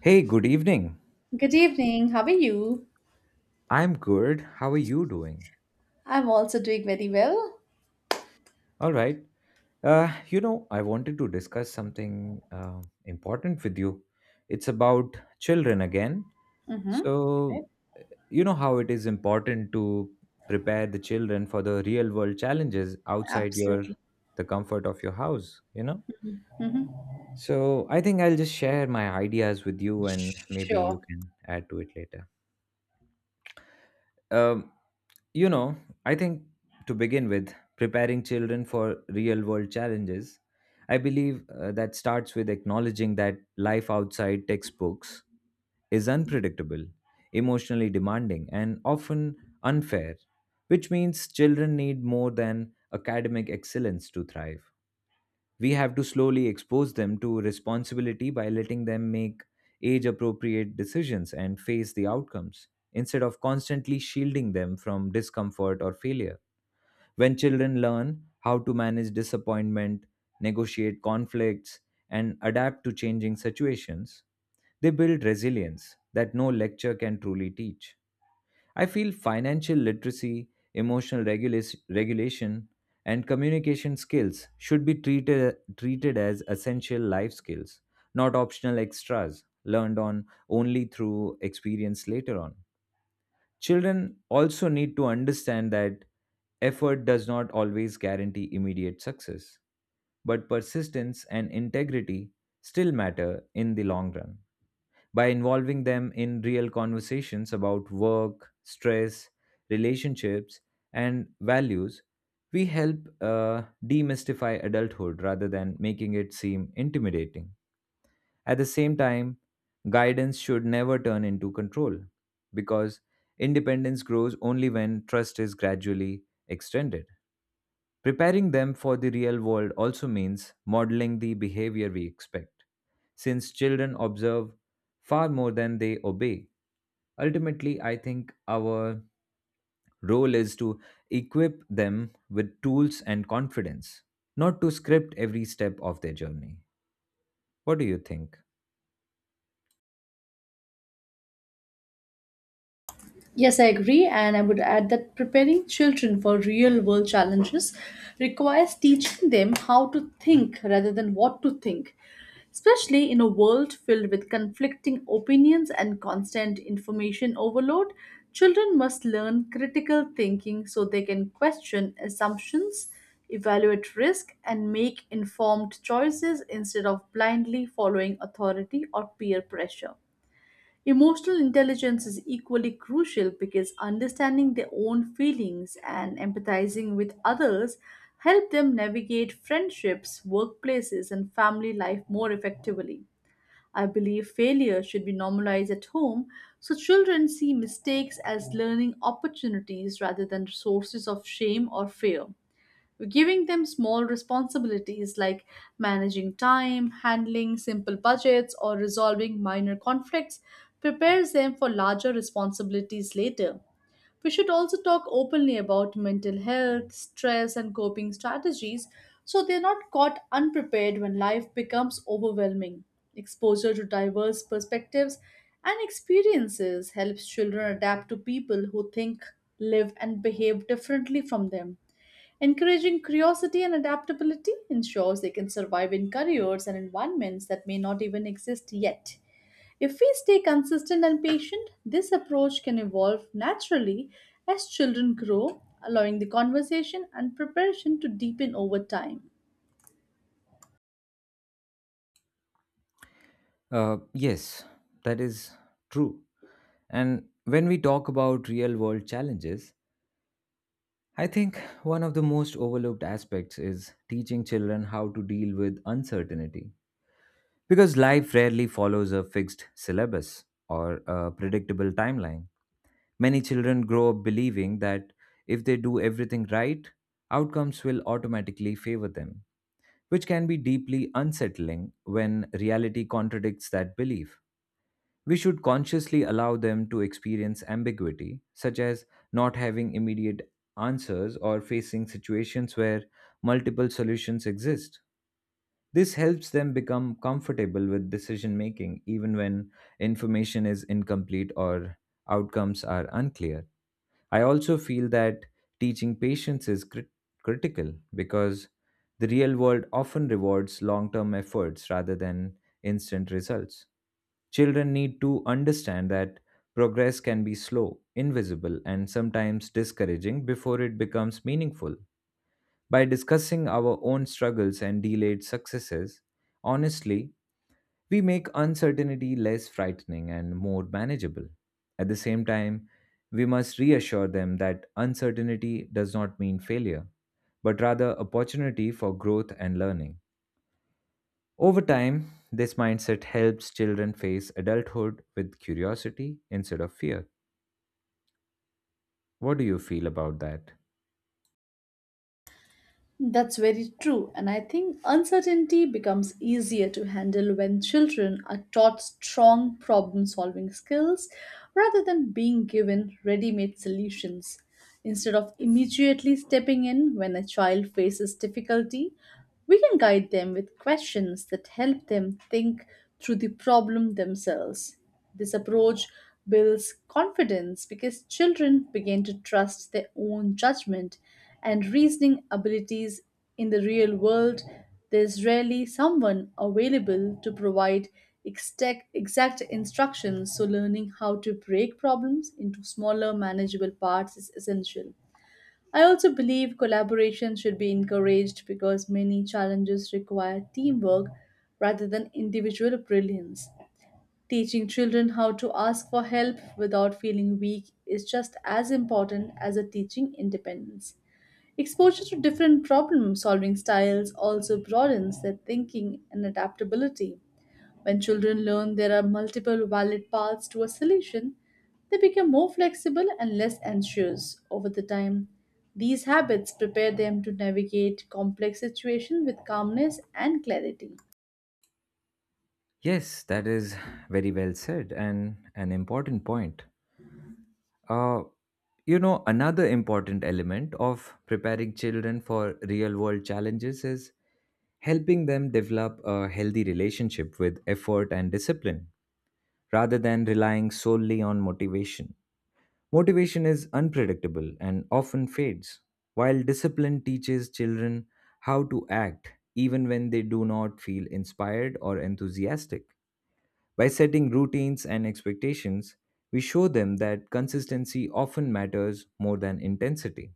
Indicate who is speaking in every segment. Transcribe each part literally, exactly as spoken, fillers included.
Speaker 1: Hey, good evening.
Speaker 2: Good evening. How are you?
Speaker 1: I'm good. How are you doing?
Speaker 2: I'm also doing very well.
Speaker 1: All right. Uh, you know, I wanted to discuss something uh, important with you. It's about children again.
Speaker 2: Mm-hmm. Right?
Speaker 1: So, you know how it is important to prepare the children for the real world challenges outside your
Speaker 2: Absolutely.
Speaker 1: the comfort of your house, you know?
Speaker 2: Mm-hmm.
Speaker 1: So, I think I'll just share my ideas with you and maybe you
Speaker 2: Sure.
Speaker 1: can add to it later. Um, You know, I think to begin with, preparing children for real world challenges, I believe uh, that starts with acknowledging that life outside textbooks is unpredictable, emotionally demanding, and often unfair, which means children need more than academic excellence to thrive. We have to slowly expose them to responsibility by letting them make age appropriate decisions and face the outcomes, instead of constantly shielding them from discomfort or failure. When children learn how to manage disappointment, negotiate conflicts, and adapt to changing situations, they build resilience that no lecture can truly teach. I feel financial literacy, emotional regula- regulation, and communication skills should be treated, treated as essential life skills, not optional extras learned on only through experience later on. Children also need to understand that effort does not always guarantee immediate success, but persistence and integrity still matter in the long run by involving them in real conversations about work, stress, relationships, and values. We help uh, demystify adulthood rather than making it seem intimidating. At the same time, guidance should never turn into control because independence grows only when trust is gradually extended. Preparing them for the real world also means modeling the behavior we expect. Since children observe far more than they obey, ultimately, I think our role is to equip them with tools and confidence, not to script every step of their journey. What do you think?
Speaker 2: Yes, I agree, and I would add that preparing children for real world challenges requires teaching them how to think rather than what to think, especially in a world filled with conflicting opinions and constant information overload. Children must learn critical thinking so they can question assumptions, evaluate risk, and make informed choices instead of blindly following authority or peer pressure. Emotional intelligence is equally crucial because understanding their own feelings and empathizing with others help them navigate friendships, workplaces, and family life more effectively. I believe failure should be normalized at home so children see mistakes as learning opportunities rather than sources of shame or fear, giving them small responsibilities like managing time, handling simple budgets, or resolving minor conflicts prepares them for larger responsibilities later. We should also talk openly about mental health, stress, and coping strategies so they're not caught unprepared when life becomes overwhelming. Exposure to diverse perspectives and experiences helps children adapt to people who think, live, and behave differently from them. Encouraging curiosity and adaptability ensures they can survive in careers and environments that may not even exist yet. If we stay consistent and patient, this approach can evolve naturally as children grow, allowing the conversation and preparation to deepen over time.
Speaker 1: Uh, yes, that is true. And when we talk about real world challenges, I think one of the most overlooked aspects is teaching children how to deal with uncertainty. Because life rarely follows a fixed syllabus or a predictable timeline. Many children grow up believing that if they do everything right, outcomes will automatically favor them, which can be deeply unsettling when reality contradicts that belief. We should consciously allow them to experience ambiguity, such as not having immediate answers or facing situations where multiple solutions exist. This helps them become comfortable with decision making even when information is incomplete or outcomes are unclear. I also feel that teaching patience is crit- critical because the real world often rewards long term efforts rather than instant results. Children need to understand that progress can be slow, invisible, and sometimes discouraging before it becomes meaningful. By discussing our own struggles and delayed successes, honestly, we make uncertainty less frightening and more manageable. At the same time, we must reassure them that uncertainty does not mean failure, but rather opportunity for growth and learning. Over time, this mindset helps children face adulthood with curiosity instead of fear. What do you feel about that?
Speaker 2: That's very true, and I think uncertainty becomes easier to handle when children are taught strong problem solving skills rather than being given ready made solutions. Instead of immediately stepping in when a child faces difficulty, we can guide them with questions that help them think through the problem themselves. This approach builds confidence because children begin to trust their own judgment and reasoning abilities in the real world. There's rarely someone available to provide exact, exact instructions, so learning how to break problems into smaller, manageable parts is essential. I also believe collaboration should be encouraged because many challenges require teamwork rather than individual brilliance. Teaching children how to ask for help without feeling weak is just as important as a teaching independence. Exposure to different problem solving styles also broadens their thinking and adaptability. When children learn there are multiple valid paths to a solution, they become more flexible and less anxious over the time. These habits prepare them to navigate complex situations with calmness and clarity.
Speaker 1: Yes, that is very well said and an important point. Uh, you know, Another important element of preparing children for real world challenges is helping them develop a healthy relationship with effort and discipline rather than relying solely on motivation. Motivation is unpredictable and often fades, while discipline teaches children how to act even when they do not feel inspired or enthusiastic. By setting routines and expectations, we show them that consistency often matters more than intensity.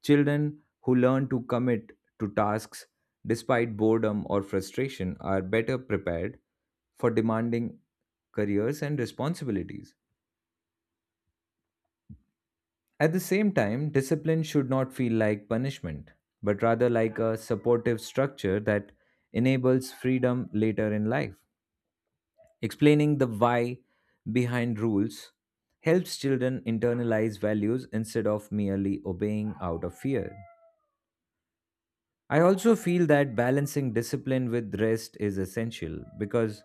Speaker 1: Children who learn to commit to tasks despite boredom or frustration are better prepared for demanding careers and responsibilities. At the same time, discipline should not feel like punishment, but rather like a supportive structure that enables freedom later in life. Explaining the why behind rules helps children internalize values instead of merely obeying out of fear. I also feel that balancing discipline with rest is essential because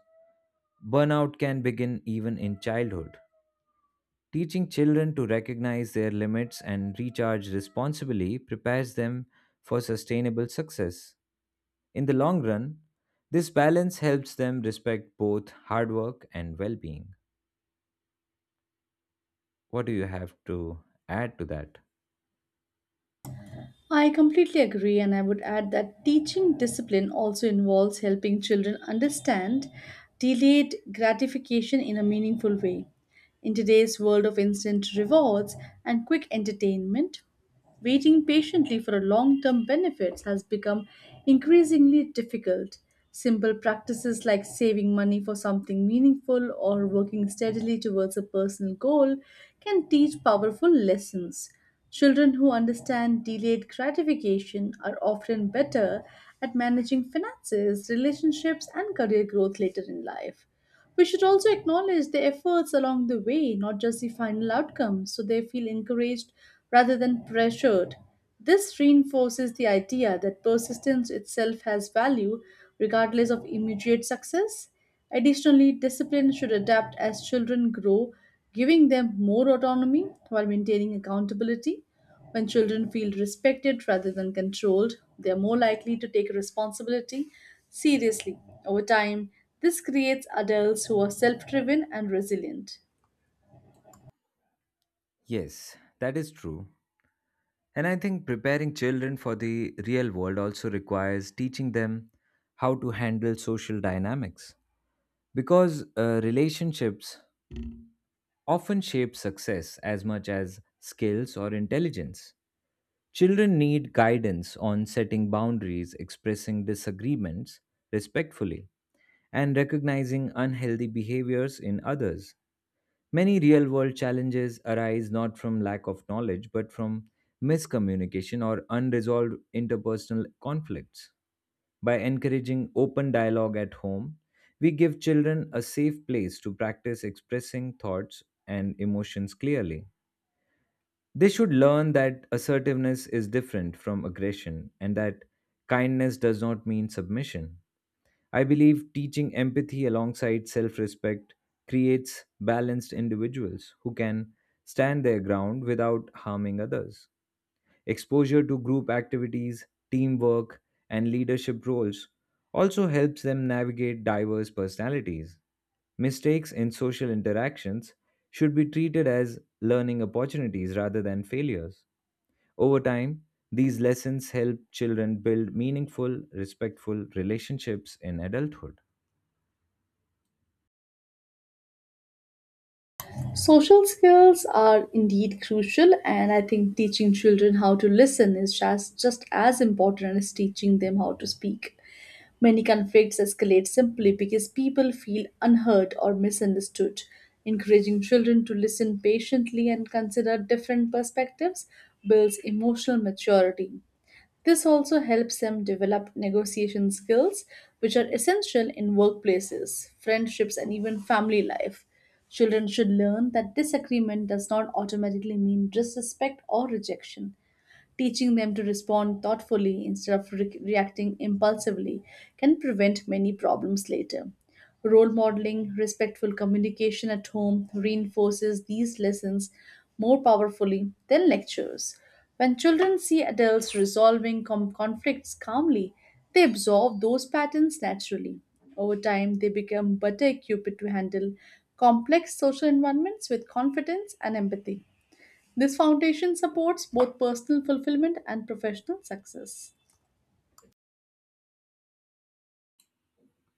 Speaker 1: burnout can begin even in childhood. Teaching children to recognize their limits and recharge responsibly prepares them for sustainable success. In the long run, this balance helps them respect both hard work and well being. What do you have to add to that?
Speaker 2: I completely agree, and I would add that teaching discipline also involves helping children understand delayed gratification in a meaningful way. In today's world of instant rewards and quick entertainment, waiting patiently for a long term benefits has become increasingly difficult. Simple practices like saving money for something meaningful or working steadily towards a personal goal can teach powerful lessons. Children who understand delayed gratification are often better at managing finances, relationships, and career growth later in life. We should also acknowledge the efforts along the way, not just the final outcome, so they feel encouraged rather than pressured. This reinforces the idea that persistence itself has value regardless of immediate success. Additionally, discipline should adapt as children grow, giving them more autonomy while maintaining accountability. When children feel respected rather than controlled, they are more likely to take responsibility seriously. Over time, this creates adults who are self driven and resilient.
Speaker 1: Yes, that is true. And I think preparing children for the real world also requires teaching them how to handle social dynamics. Because uh, relationships often shape success as much as skills or intelligence. Children need guidance on setting boundaries, expressing disagreements respectfully, and recognizing unhealthy behaviors in others. Many real world challenges arise not from lack of knowledge but from miscommunication or unresolved interpersonal conflicts. By encouraging open dialogue at home, we give children a safe place to practice expressing thoughts and emotions clearly. They should learn that assertiveness is different from aggression and that kindness does not mean submission. I believe teaching empathy alongside self respect creates balanced individuals who can stand their ground without harming others. Exposure to group activities, teamwork, and leadership roles also helps them navigate diverse personalities. Mistakes in social interactions should be treated as learning opportunities rather than failures. Over time, these lessons help children build meaningful, respectful relationships in adulthood.
Speaker 2: Social skills are indeed crucial, and I think teaching children how to listen is just, just as important as teaching them how to speak. Many conflicts escalate simply because people feel unheard or misunderstood. Encouraging children to listen patiently and consider different perspectives builds emotional maturity. This also helps them develop negotiation skills, which are essential in workplaces, friendships, and even family life. Children should learn that disagreement does not automatically mean disrespect or rejection, teaching them to respond thoughtfully instead of re- reacting impulsively can prevent many problems later. Role modeling, respectful communication at home reinforces these lessons more powerfully than lectures. When children see adults resolving com- conflicts calmly, they absorb those patterns naturally. Over time, they become better equipped to handle complex social environments with confidence and empathy. This foundation supports both personal fulfillment and professional success.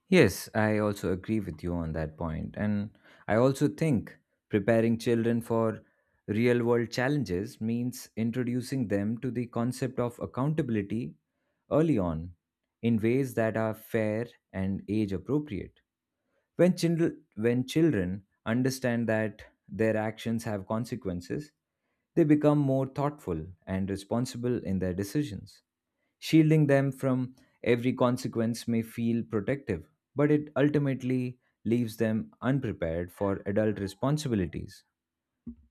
Speaker 1: Yes, I also agree with you on that point. And I also think preparing children for real world challenges means introducing them to the concept of accountability early on in ways that are fair and age appropriate. When, children when children understand that their actions have consequences, they become more thoughtful and responsible in their decisions. Shielding them from every consequence may feel protective, but it ultimately leaves them unprepared for adult responsibilities.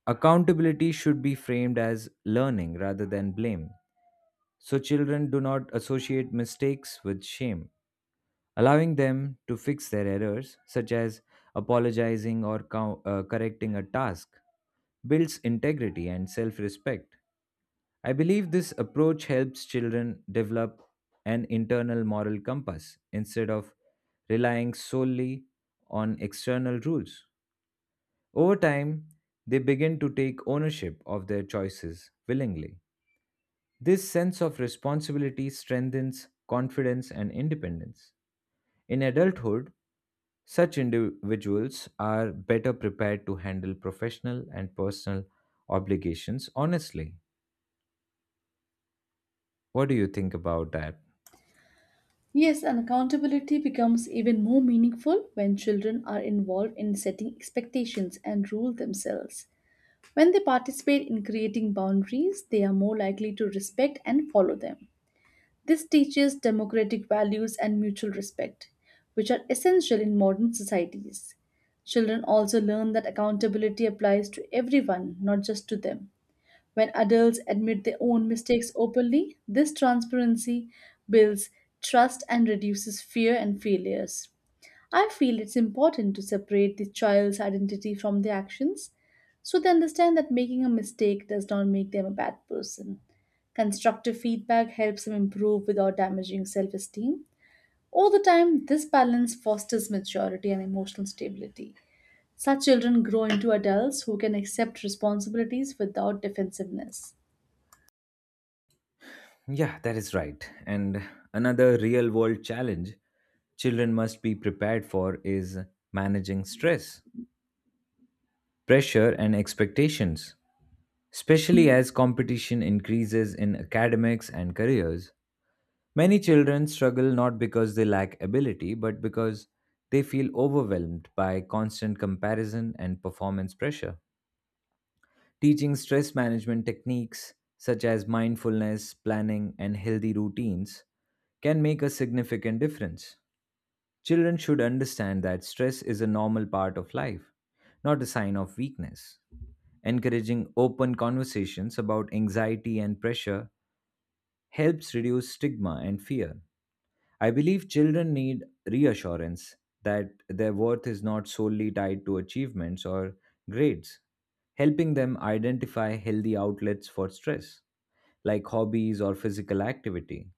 Speaker 1: Accountability should be framed as learning rather than blame, so children do not associate mistakes with shame. Allowing them to fix their errors, such as apologizing or co- uh, correcting a task, builds integrity and self respect. I believe this approach helps children develop an internal moral compass instead of relying solely on external rules. Over time, they begin to take ownership of their choices willingly. This sense of responsibility strengthens confidence and independence. In adulthood, such individuals are better prepared to handle professional and personal obligations honestly. What do you think about that?
Speaker 2: Yes, and accountability becomes even more meaningful when children are involved in setting expectations and rule themselves. When they participate in creating boundaries, they are more likely to respect and follow them. This teaches democratic values and mutual respect, which are essential in modern societies. Children also learn that accountability applies to everyone, not just to them. When adults admit their own mistakes openly, this transparency builds trust and reduces fear and failures. I feel it's important to separate the child's identity from their actions so they understand that making a mistake does not make them a bad person. Constructive feedback helps them improve without damaging self esteem. Over the time, this balance fosters maturity and emotional stability. Such children grow into adults who can accept responsibilities without defensiveness.
Speaker 1: Yeah, that is right. And another real world challenge children must be prepared for is managing stress, pressure, and expectations. Especially as competition increases in academics and careers, many children struggle not because they lack ability, but because they feel overwhelmed by constant comparison and performance pressure. Teaching stress management techniques such as mindfulness, planning, and healthy routines can make a significant difference. Children should understand that stress is a normal part of life, not a sign of weakness. Encouraging open conversations about anxiety and pressure helps reduce stigma and fear. I believe children need reassurance that their worth is not solely tied to achievements or grades. Helping them identify healthy outlets for stress, like hobbies or physical activity,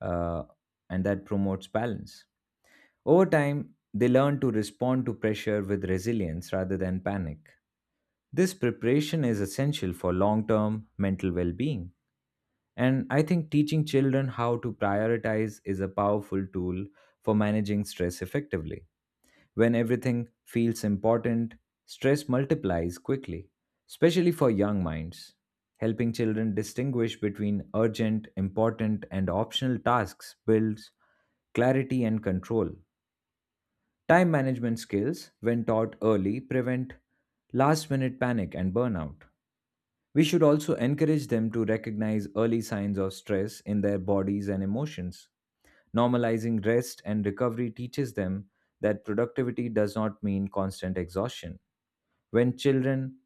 Speaker 1: uh, and that promotes balance. Over time, they learn to respond to pressure with resilience rather than panic. This preparation is essential for long term mental well being. And I think teaching children how to prioritize is a powerful tool for managing stress effectively. When everything feels important, stress multiplies quickly, especially for young minds. Helping children distinguish between urgent, important, and optional tasks builds clarity and control. Time management skills, when taught early, prevent last minute panic and burnout. We should also encourage them to recognize early signs of stress in their bodies and emotions. Normalizing rest and recovery teaches them that productivity does not mean constant exhaustion. When children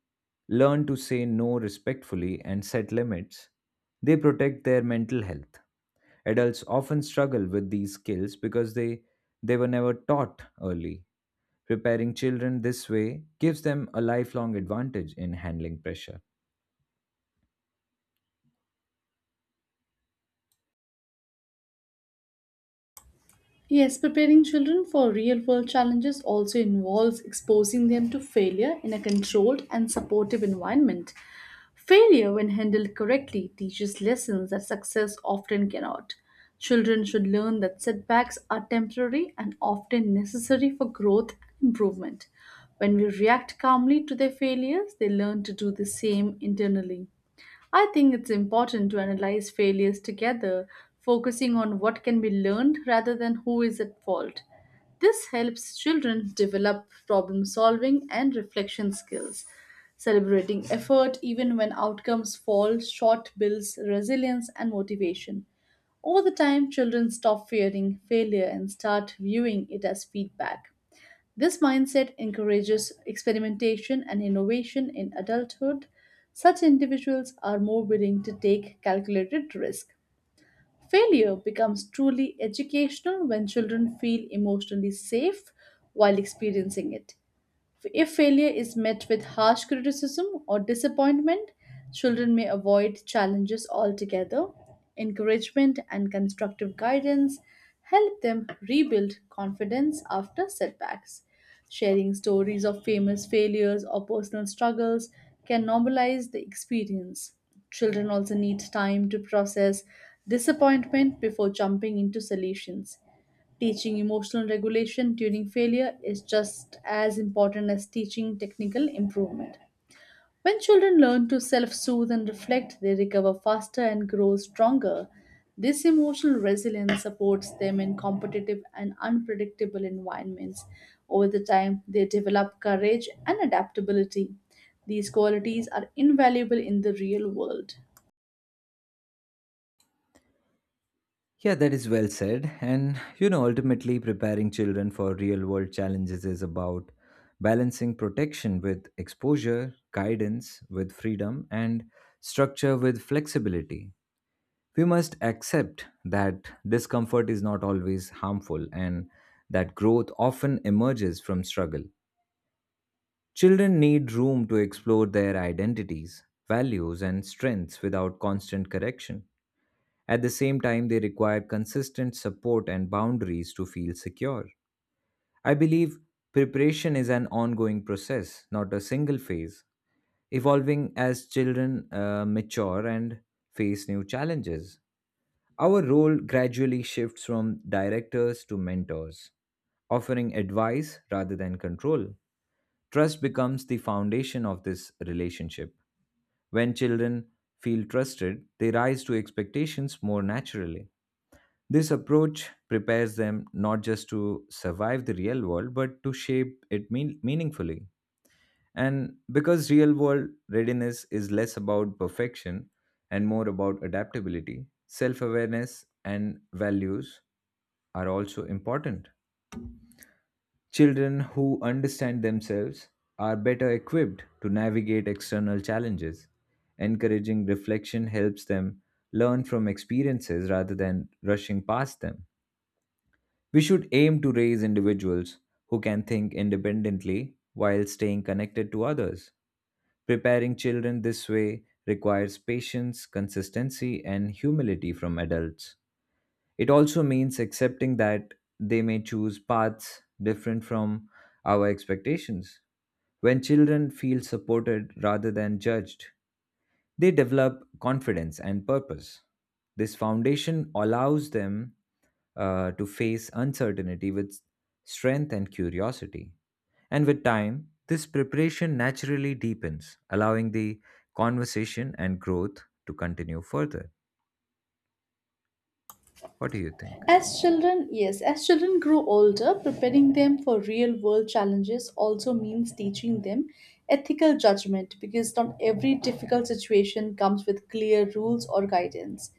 Speaker 1: learn to say no respectfully and set limits, they protect their mental health. Adults often struggle with these skills because they, they were never taught early. Preparing children this way gives them a lifelong advantage in handling pressure.
Speaker 2: Yes, preparing children for real world challenges also involves exposing them to failure in a controlled and supportive environment. Failure, when handled correctly, teaches lessons that success often cannot. Children should learn that setbacks are temporary and often necessary for growth and improvement. When we react calmly to their failures, they learn to do the same internally. I think it's important to analyze failures together, focusing on what can be learned rather than who is at fault. This helps children develop problem solving and reflection skills. Celebrating effort even when outcomes fall short builds resilience and motivation. Over the time, children stop fearing failure and start viewing it as feedback. This mindset encourages experimentation and innovation in adulthood. Such individuals are more willing to take calculated risk. Failure becomes truly educational when children feel emotionally safe while experiencing it. If failure is met with harsh criticism or disappointment, children may avoid challenges altogether. Encouragement and constructive guidance help them rebuild confidence after setbacks. Sharing stories of famous failures or personal struggles can normalize the experience. Children also need time to process disappointment before jumping into solutions. Teaching emotional regulation during failure is just as important as teaching technical improvement. When children learn to self soothe and reflect, they recover faster and grow stronger. This emotional resilience supports them in competitive and unpredictable environments. Over the time, they develop courage and adaptability. These qualities are invaluable in the real world.
Speaker 1: Yeah, that is well said. And, you know, ultimately, preparing children for real world challenges is about balancing protection with exposure, guidance with freedom, and structure with flexibility. We must accept that discomfort is not always harmful and that growth often emerges from struggle. Children need room to explore their identities, values, and strengths without constant correction. At the same time, they require consistent support and boundaries to feel secure. I believe preparation is an ongoing process, not a single phase, evolving as children uh, mature and face new challenges. Our role gradually shifts from directors to mentors, offering advice rather than control. Trust becomes the foundation of this relationship. When children feel trusted, they rise to expectations more naturally. This approach prepares them not just to survive the real world, but to shape it mean- meaningfully. And because real world readiness is less about perfection and more about adaptability, self awareness and values are also important. Children who understand themselves are better equipped to navigate external challenges. Encouraging reflection helps them learn from experiences rather than rushing past them. We should aim to raise individuals who can think independently while staying connected to others. Preparing children this way requires patience, consistency, and humility from adults. It also means accepting that they may choose paths different from our expectations. When children feel supported rather than judged, they develop confidence and purpose. This foundation allows them uh, to face uncertainty with strength and curiosity. And with time, this preparation naturally deepens, allowing the conversation and growth to continue further. What do you think?
Speaker 2: As children, yes, as children grow older, preparing them for real world challenges also means teaching them ethical judgment because not every difficult situation comes with clear rules or guidance.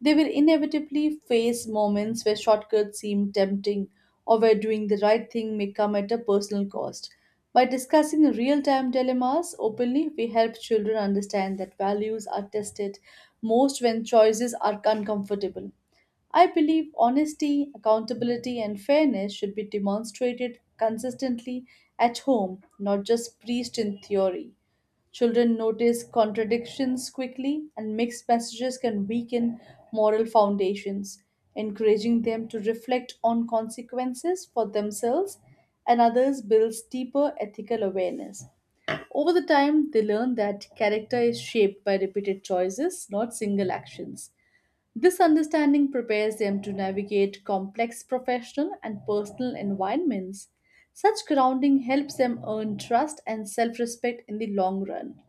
Speaker 2: They will inevitably face moments where shortcuts seem tempting or where doing the right thing may come at a personal cost. By discussing real time dilemmas openly, we help children understand that values are tested most when choices are uncomfortable. I believe honesty, accountability, and fairness should be demonstrated consistently at home, not just preached in theory. Children notice contradictions quickly, and mixed messages can weaken moral foundations. Encouraging them to reflect on consequences for themselves and others builds deeper ethical awareness. Over the time, they learn that character is shaped by repeated choices, not single actions. This understanding prepares them to navigate complex professional and personal environments. Such grounding helps them earn trust and self respect in the long run.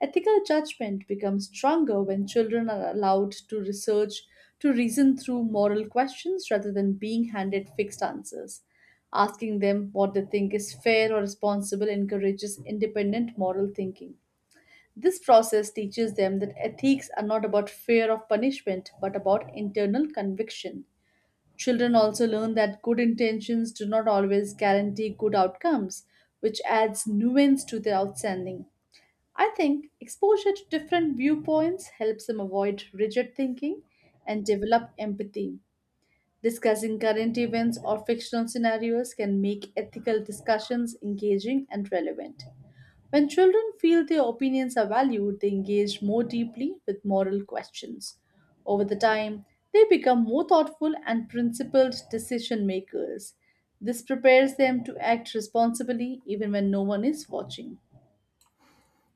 Speaker 2: Ethical judgment becomes stronger when children are allowed to research, to reason through moral questions rather than being handed fixed answers. Asking them what they think is fair or responsible encourages independent moral thinking. This process teaches them that ethics are not about fear of punishment but about internal conviction. Children also learn that good intentions do not always guarantee good outcomes, which adds nuance to their outstanding. I think exposure to different viewpoints helps them avoid rigid thinking and develop empathy. Discussing current events or fictional scenarios can make ethical discussions engaging and relevant. When children feel their opinions are valued, they engage more deeply with moral questions. Over the time, they become more thoughtful and principled decision makers. This prepares them to act responsibly even when no one is watching.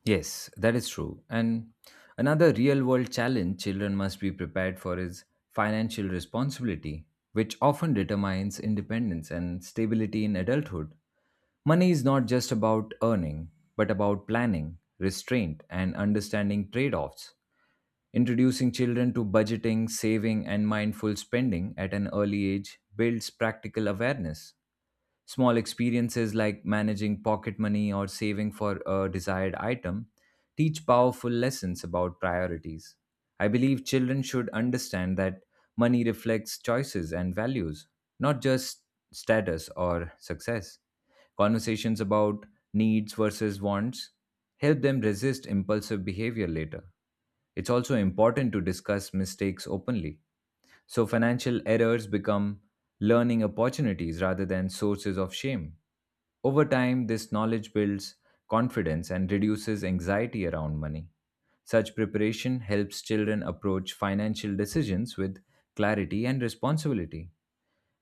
Speaker 1: Yes, that is true. And another real world challenge children must be prepared for is financial responsibility, which often determines independence and stability in adulthood. Money is not just about earning, but about planning, restraint, and understanding trade offs. Introducing children to budgeting, saving, and mindful spending at an early age builds practical awareness. Small experiences like managing pocket money or saving for a desired item teach powerful lessons about priorities. I believe children should understand that money reflects choices and values, not just status or success. Conversations about needs versus wants help them resist impulsive behavior later. It's also important to discuss mistakes openly, so financial errors become learning opportunities rather than sources of shame. Over time, this knowledge builds confidence and reduces anxiety around money. Such preparation helps children approach financial decisions with clarity and responsibility.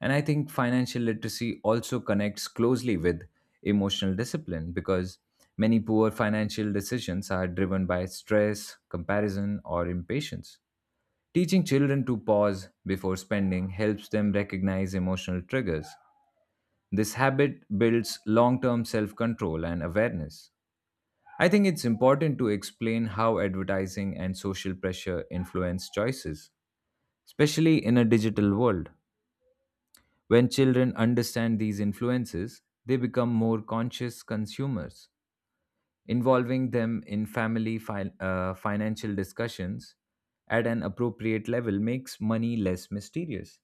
Speaker 1: And I think financial literacy also connects closely with emotional discipline because many poor financial decisions are driven by stress, comparison, or impatience. Teaching children to pause before spending helps them recognize emotional triggers this habit builds long term self control and awareness. I think it's important to explain how advertising and social pressure influence choices, especially in a digital world. When children understand these influences, they become more conscious consumers. Involving them in family fi- uh, financial discussions at an appropriate level makes money less mysterious.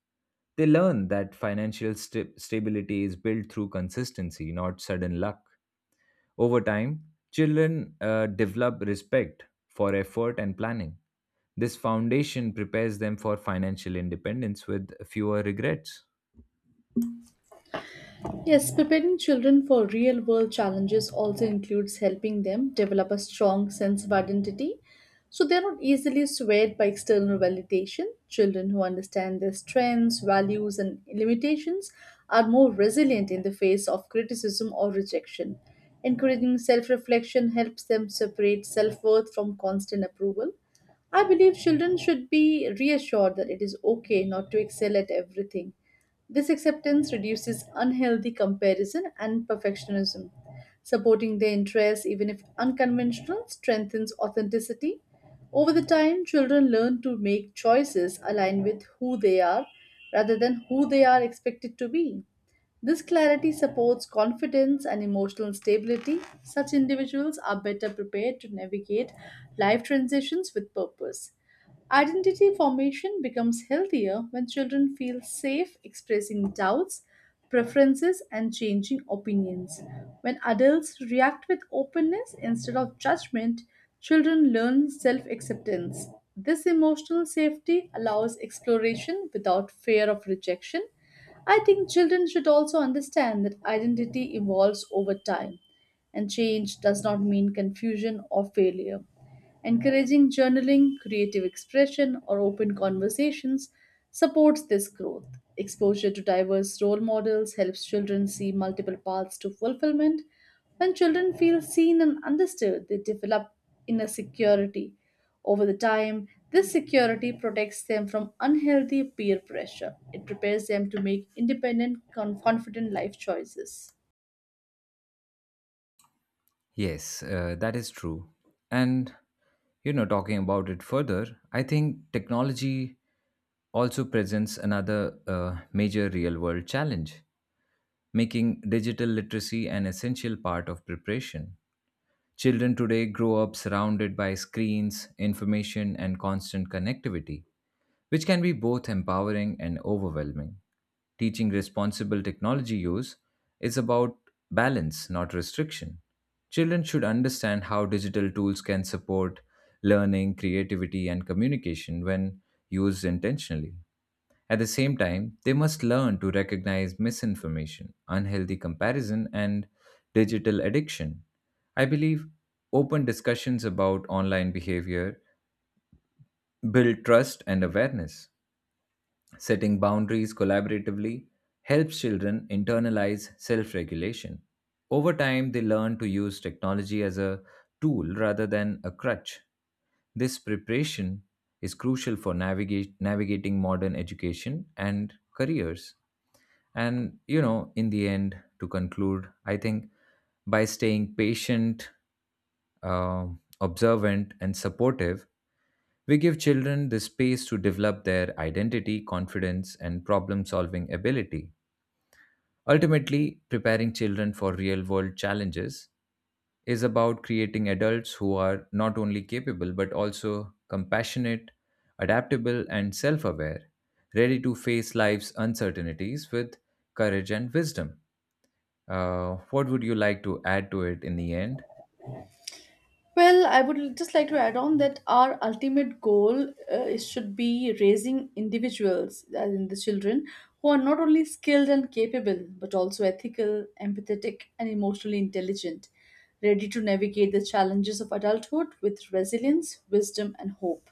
Speaker 1: They learn that financial sta- stability is built through consistency, not sudden luck. Over time, children uh, develop respect for effort and planning. This foundation prepares them for financial independence with fewer regrets.
Speaker 2: Yes, preparing children for real world challenges also includes helping them develop a strong sense of identity so they're not easily swayed by external validation. Children who understand their strengths, values, and limitations are more resilient in the face of criticism or rejection. Encouraging self reflection helps them separate self worth from constant approval. I believe children should be reassured that it is okay not to excel at everything. This acceptance reduces unhealthy comparison and perfectionism. Supporting their interests, even if unconventional, strengthens authenticity. Over the time, children learn to make choices aligned with who they are rather than who they are expected to be. This clarity supports confidence and emotional stability. Such individuals are better prepared to navigate life transitions with purpose. Identity formation becomes healthier when children feel safe expressing doubts, preferences, and changing opinions. When adults react with openness instead of judgment, children learn self acceptance. This emotional safety allows exploration without fear of rejection. I think children should also understand that identity evolves over time and change does not mean confusion or failure. Encouraging journaling, creative expression, or open conversations supports this growth. Exposure to diverse role models helps children see multiple paths to fulfillment. When children feel seen and understood, they develop inner security. Over the time, this security protects them from unhealthy peer pressure. It prepares them to make independent, con- confident life choices.
Speaker 1: Yes, uh, that is true. And, you know, talking about it further, I think technology also presents another uh, major real world challenge, making digital literacy an essential part of preparation. Children today grow up surrounded by screens, information, and constant connectivity, which can be both empowering and overwhelming. Teaching responsible technology use is about balance, not restriction. Children should understand how digital tools can support learning, creativity, and communication when used intentionally. At the same time, they must learn to recognize misinformation, unhealthy comparison, and digital addiction. I believe open discussions about online behavior build trust and awareness. Setting boundaries collaboratively helps children internalize self regulation. Over time, they learn to use technology as a tool rather than a crutch. This preparation is crucial for navigate, navigating modern education and careers. And, you know, in the end, to conclude, I think by staying patient, um observant, and supportive, we give children the space to develop their identity, confidence, and problem solving ability. Ultimately, preparing children for real world challenges is about creating adults who are not only capable but also compassionate, adaptable, and self aware, ready to face life's uncertainties with courage and wisdom. Uh, what would you like to add to it in the end?
Speaker 2: Well, I would just like to add on that our ultimate goal uh, is- should be raising individuals, as in the children, who are not only skilled and capable, but also ethical, empathetic, and emotionally intelligent, ready to navigate the challenges of adulthood with resilience, wisdom, and hope.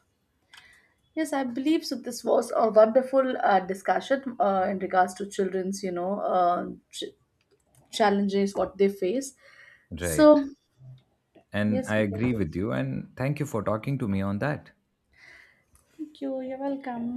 Speaker 2: Yes, I believe so. This was a wonderful uh, discussion uh, in regards to children's, you know, uh, ch- challenges what they face.
Speaker 1: Right.
Speaker 2: So
Speaker 1: And
Speaker 2: yes,
Speaker 1: I
Speaker 2: we can
Speaker 1: agree with
Speaker 2: just.
Speaker 1: you, and thank you for talking to me on that.
Speaker 2: Thank you. You're welcome.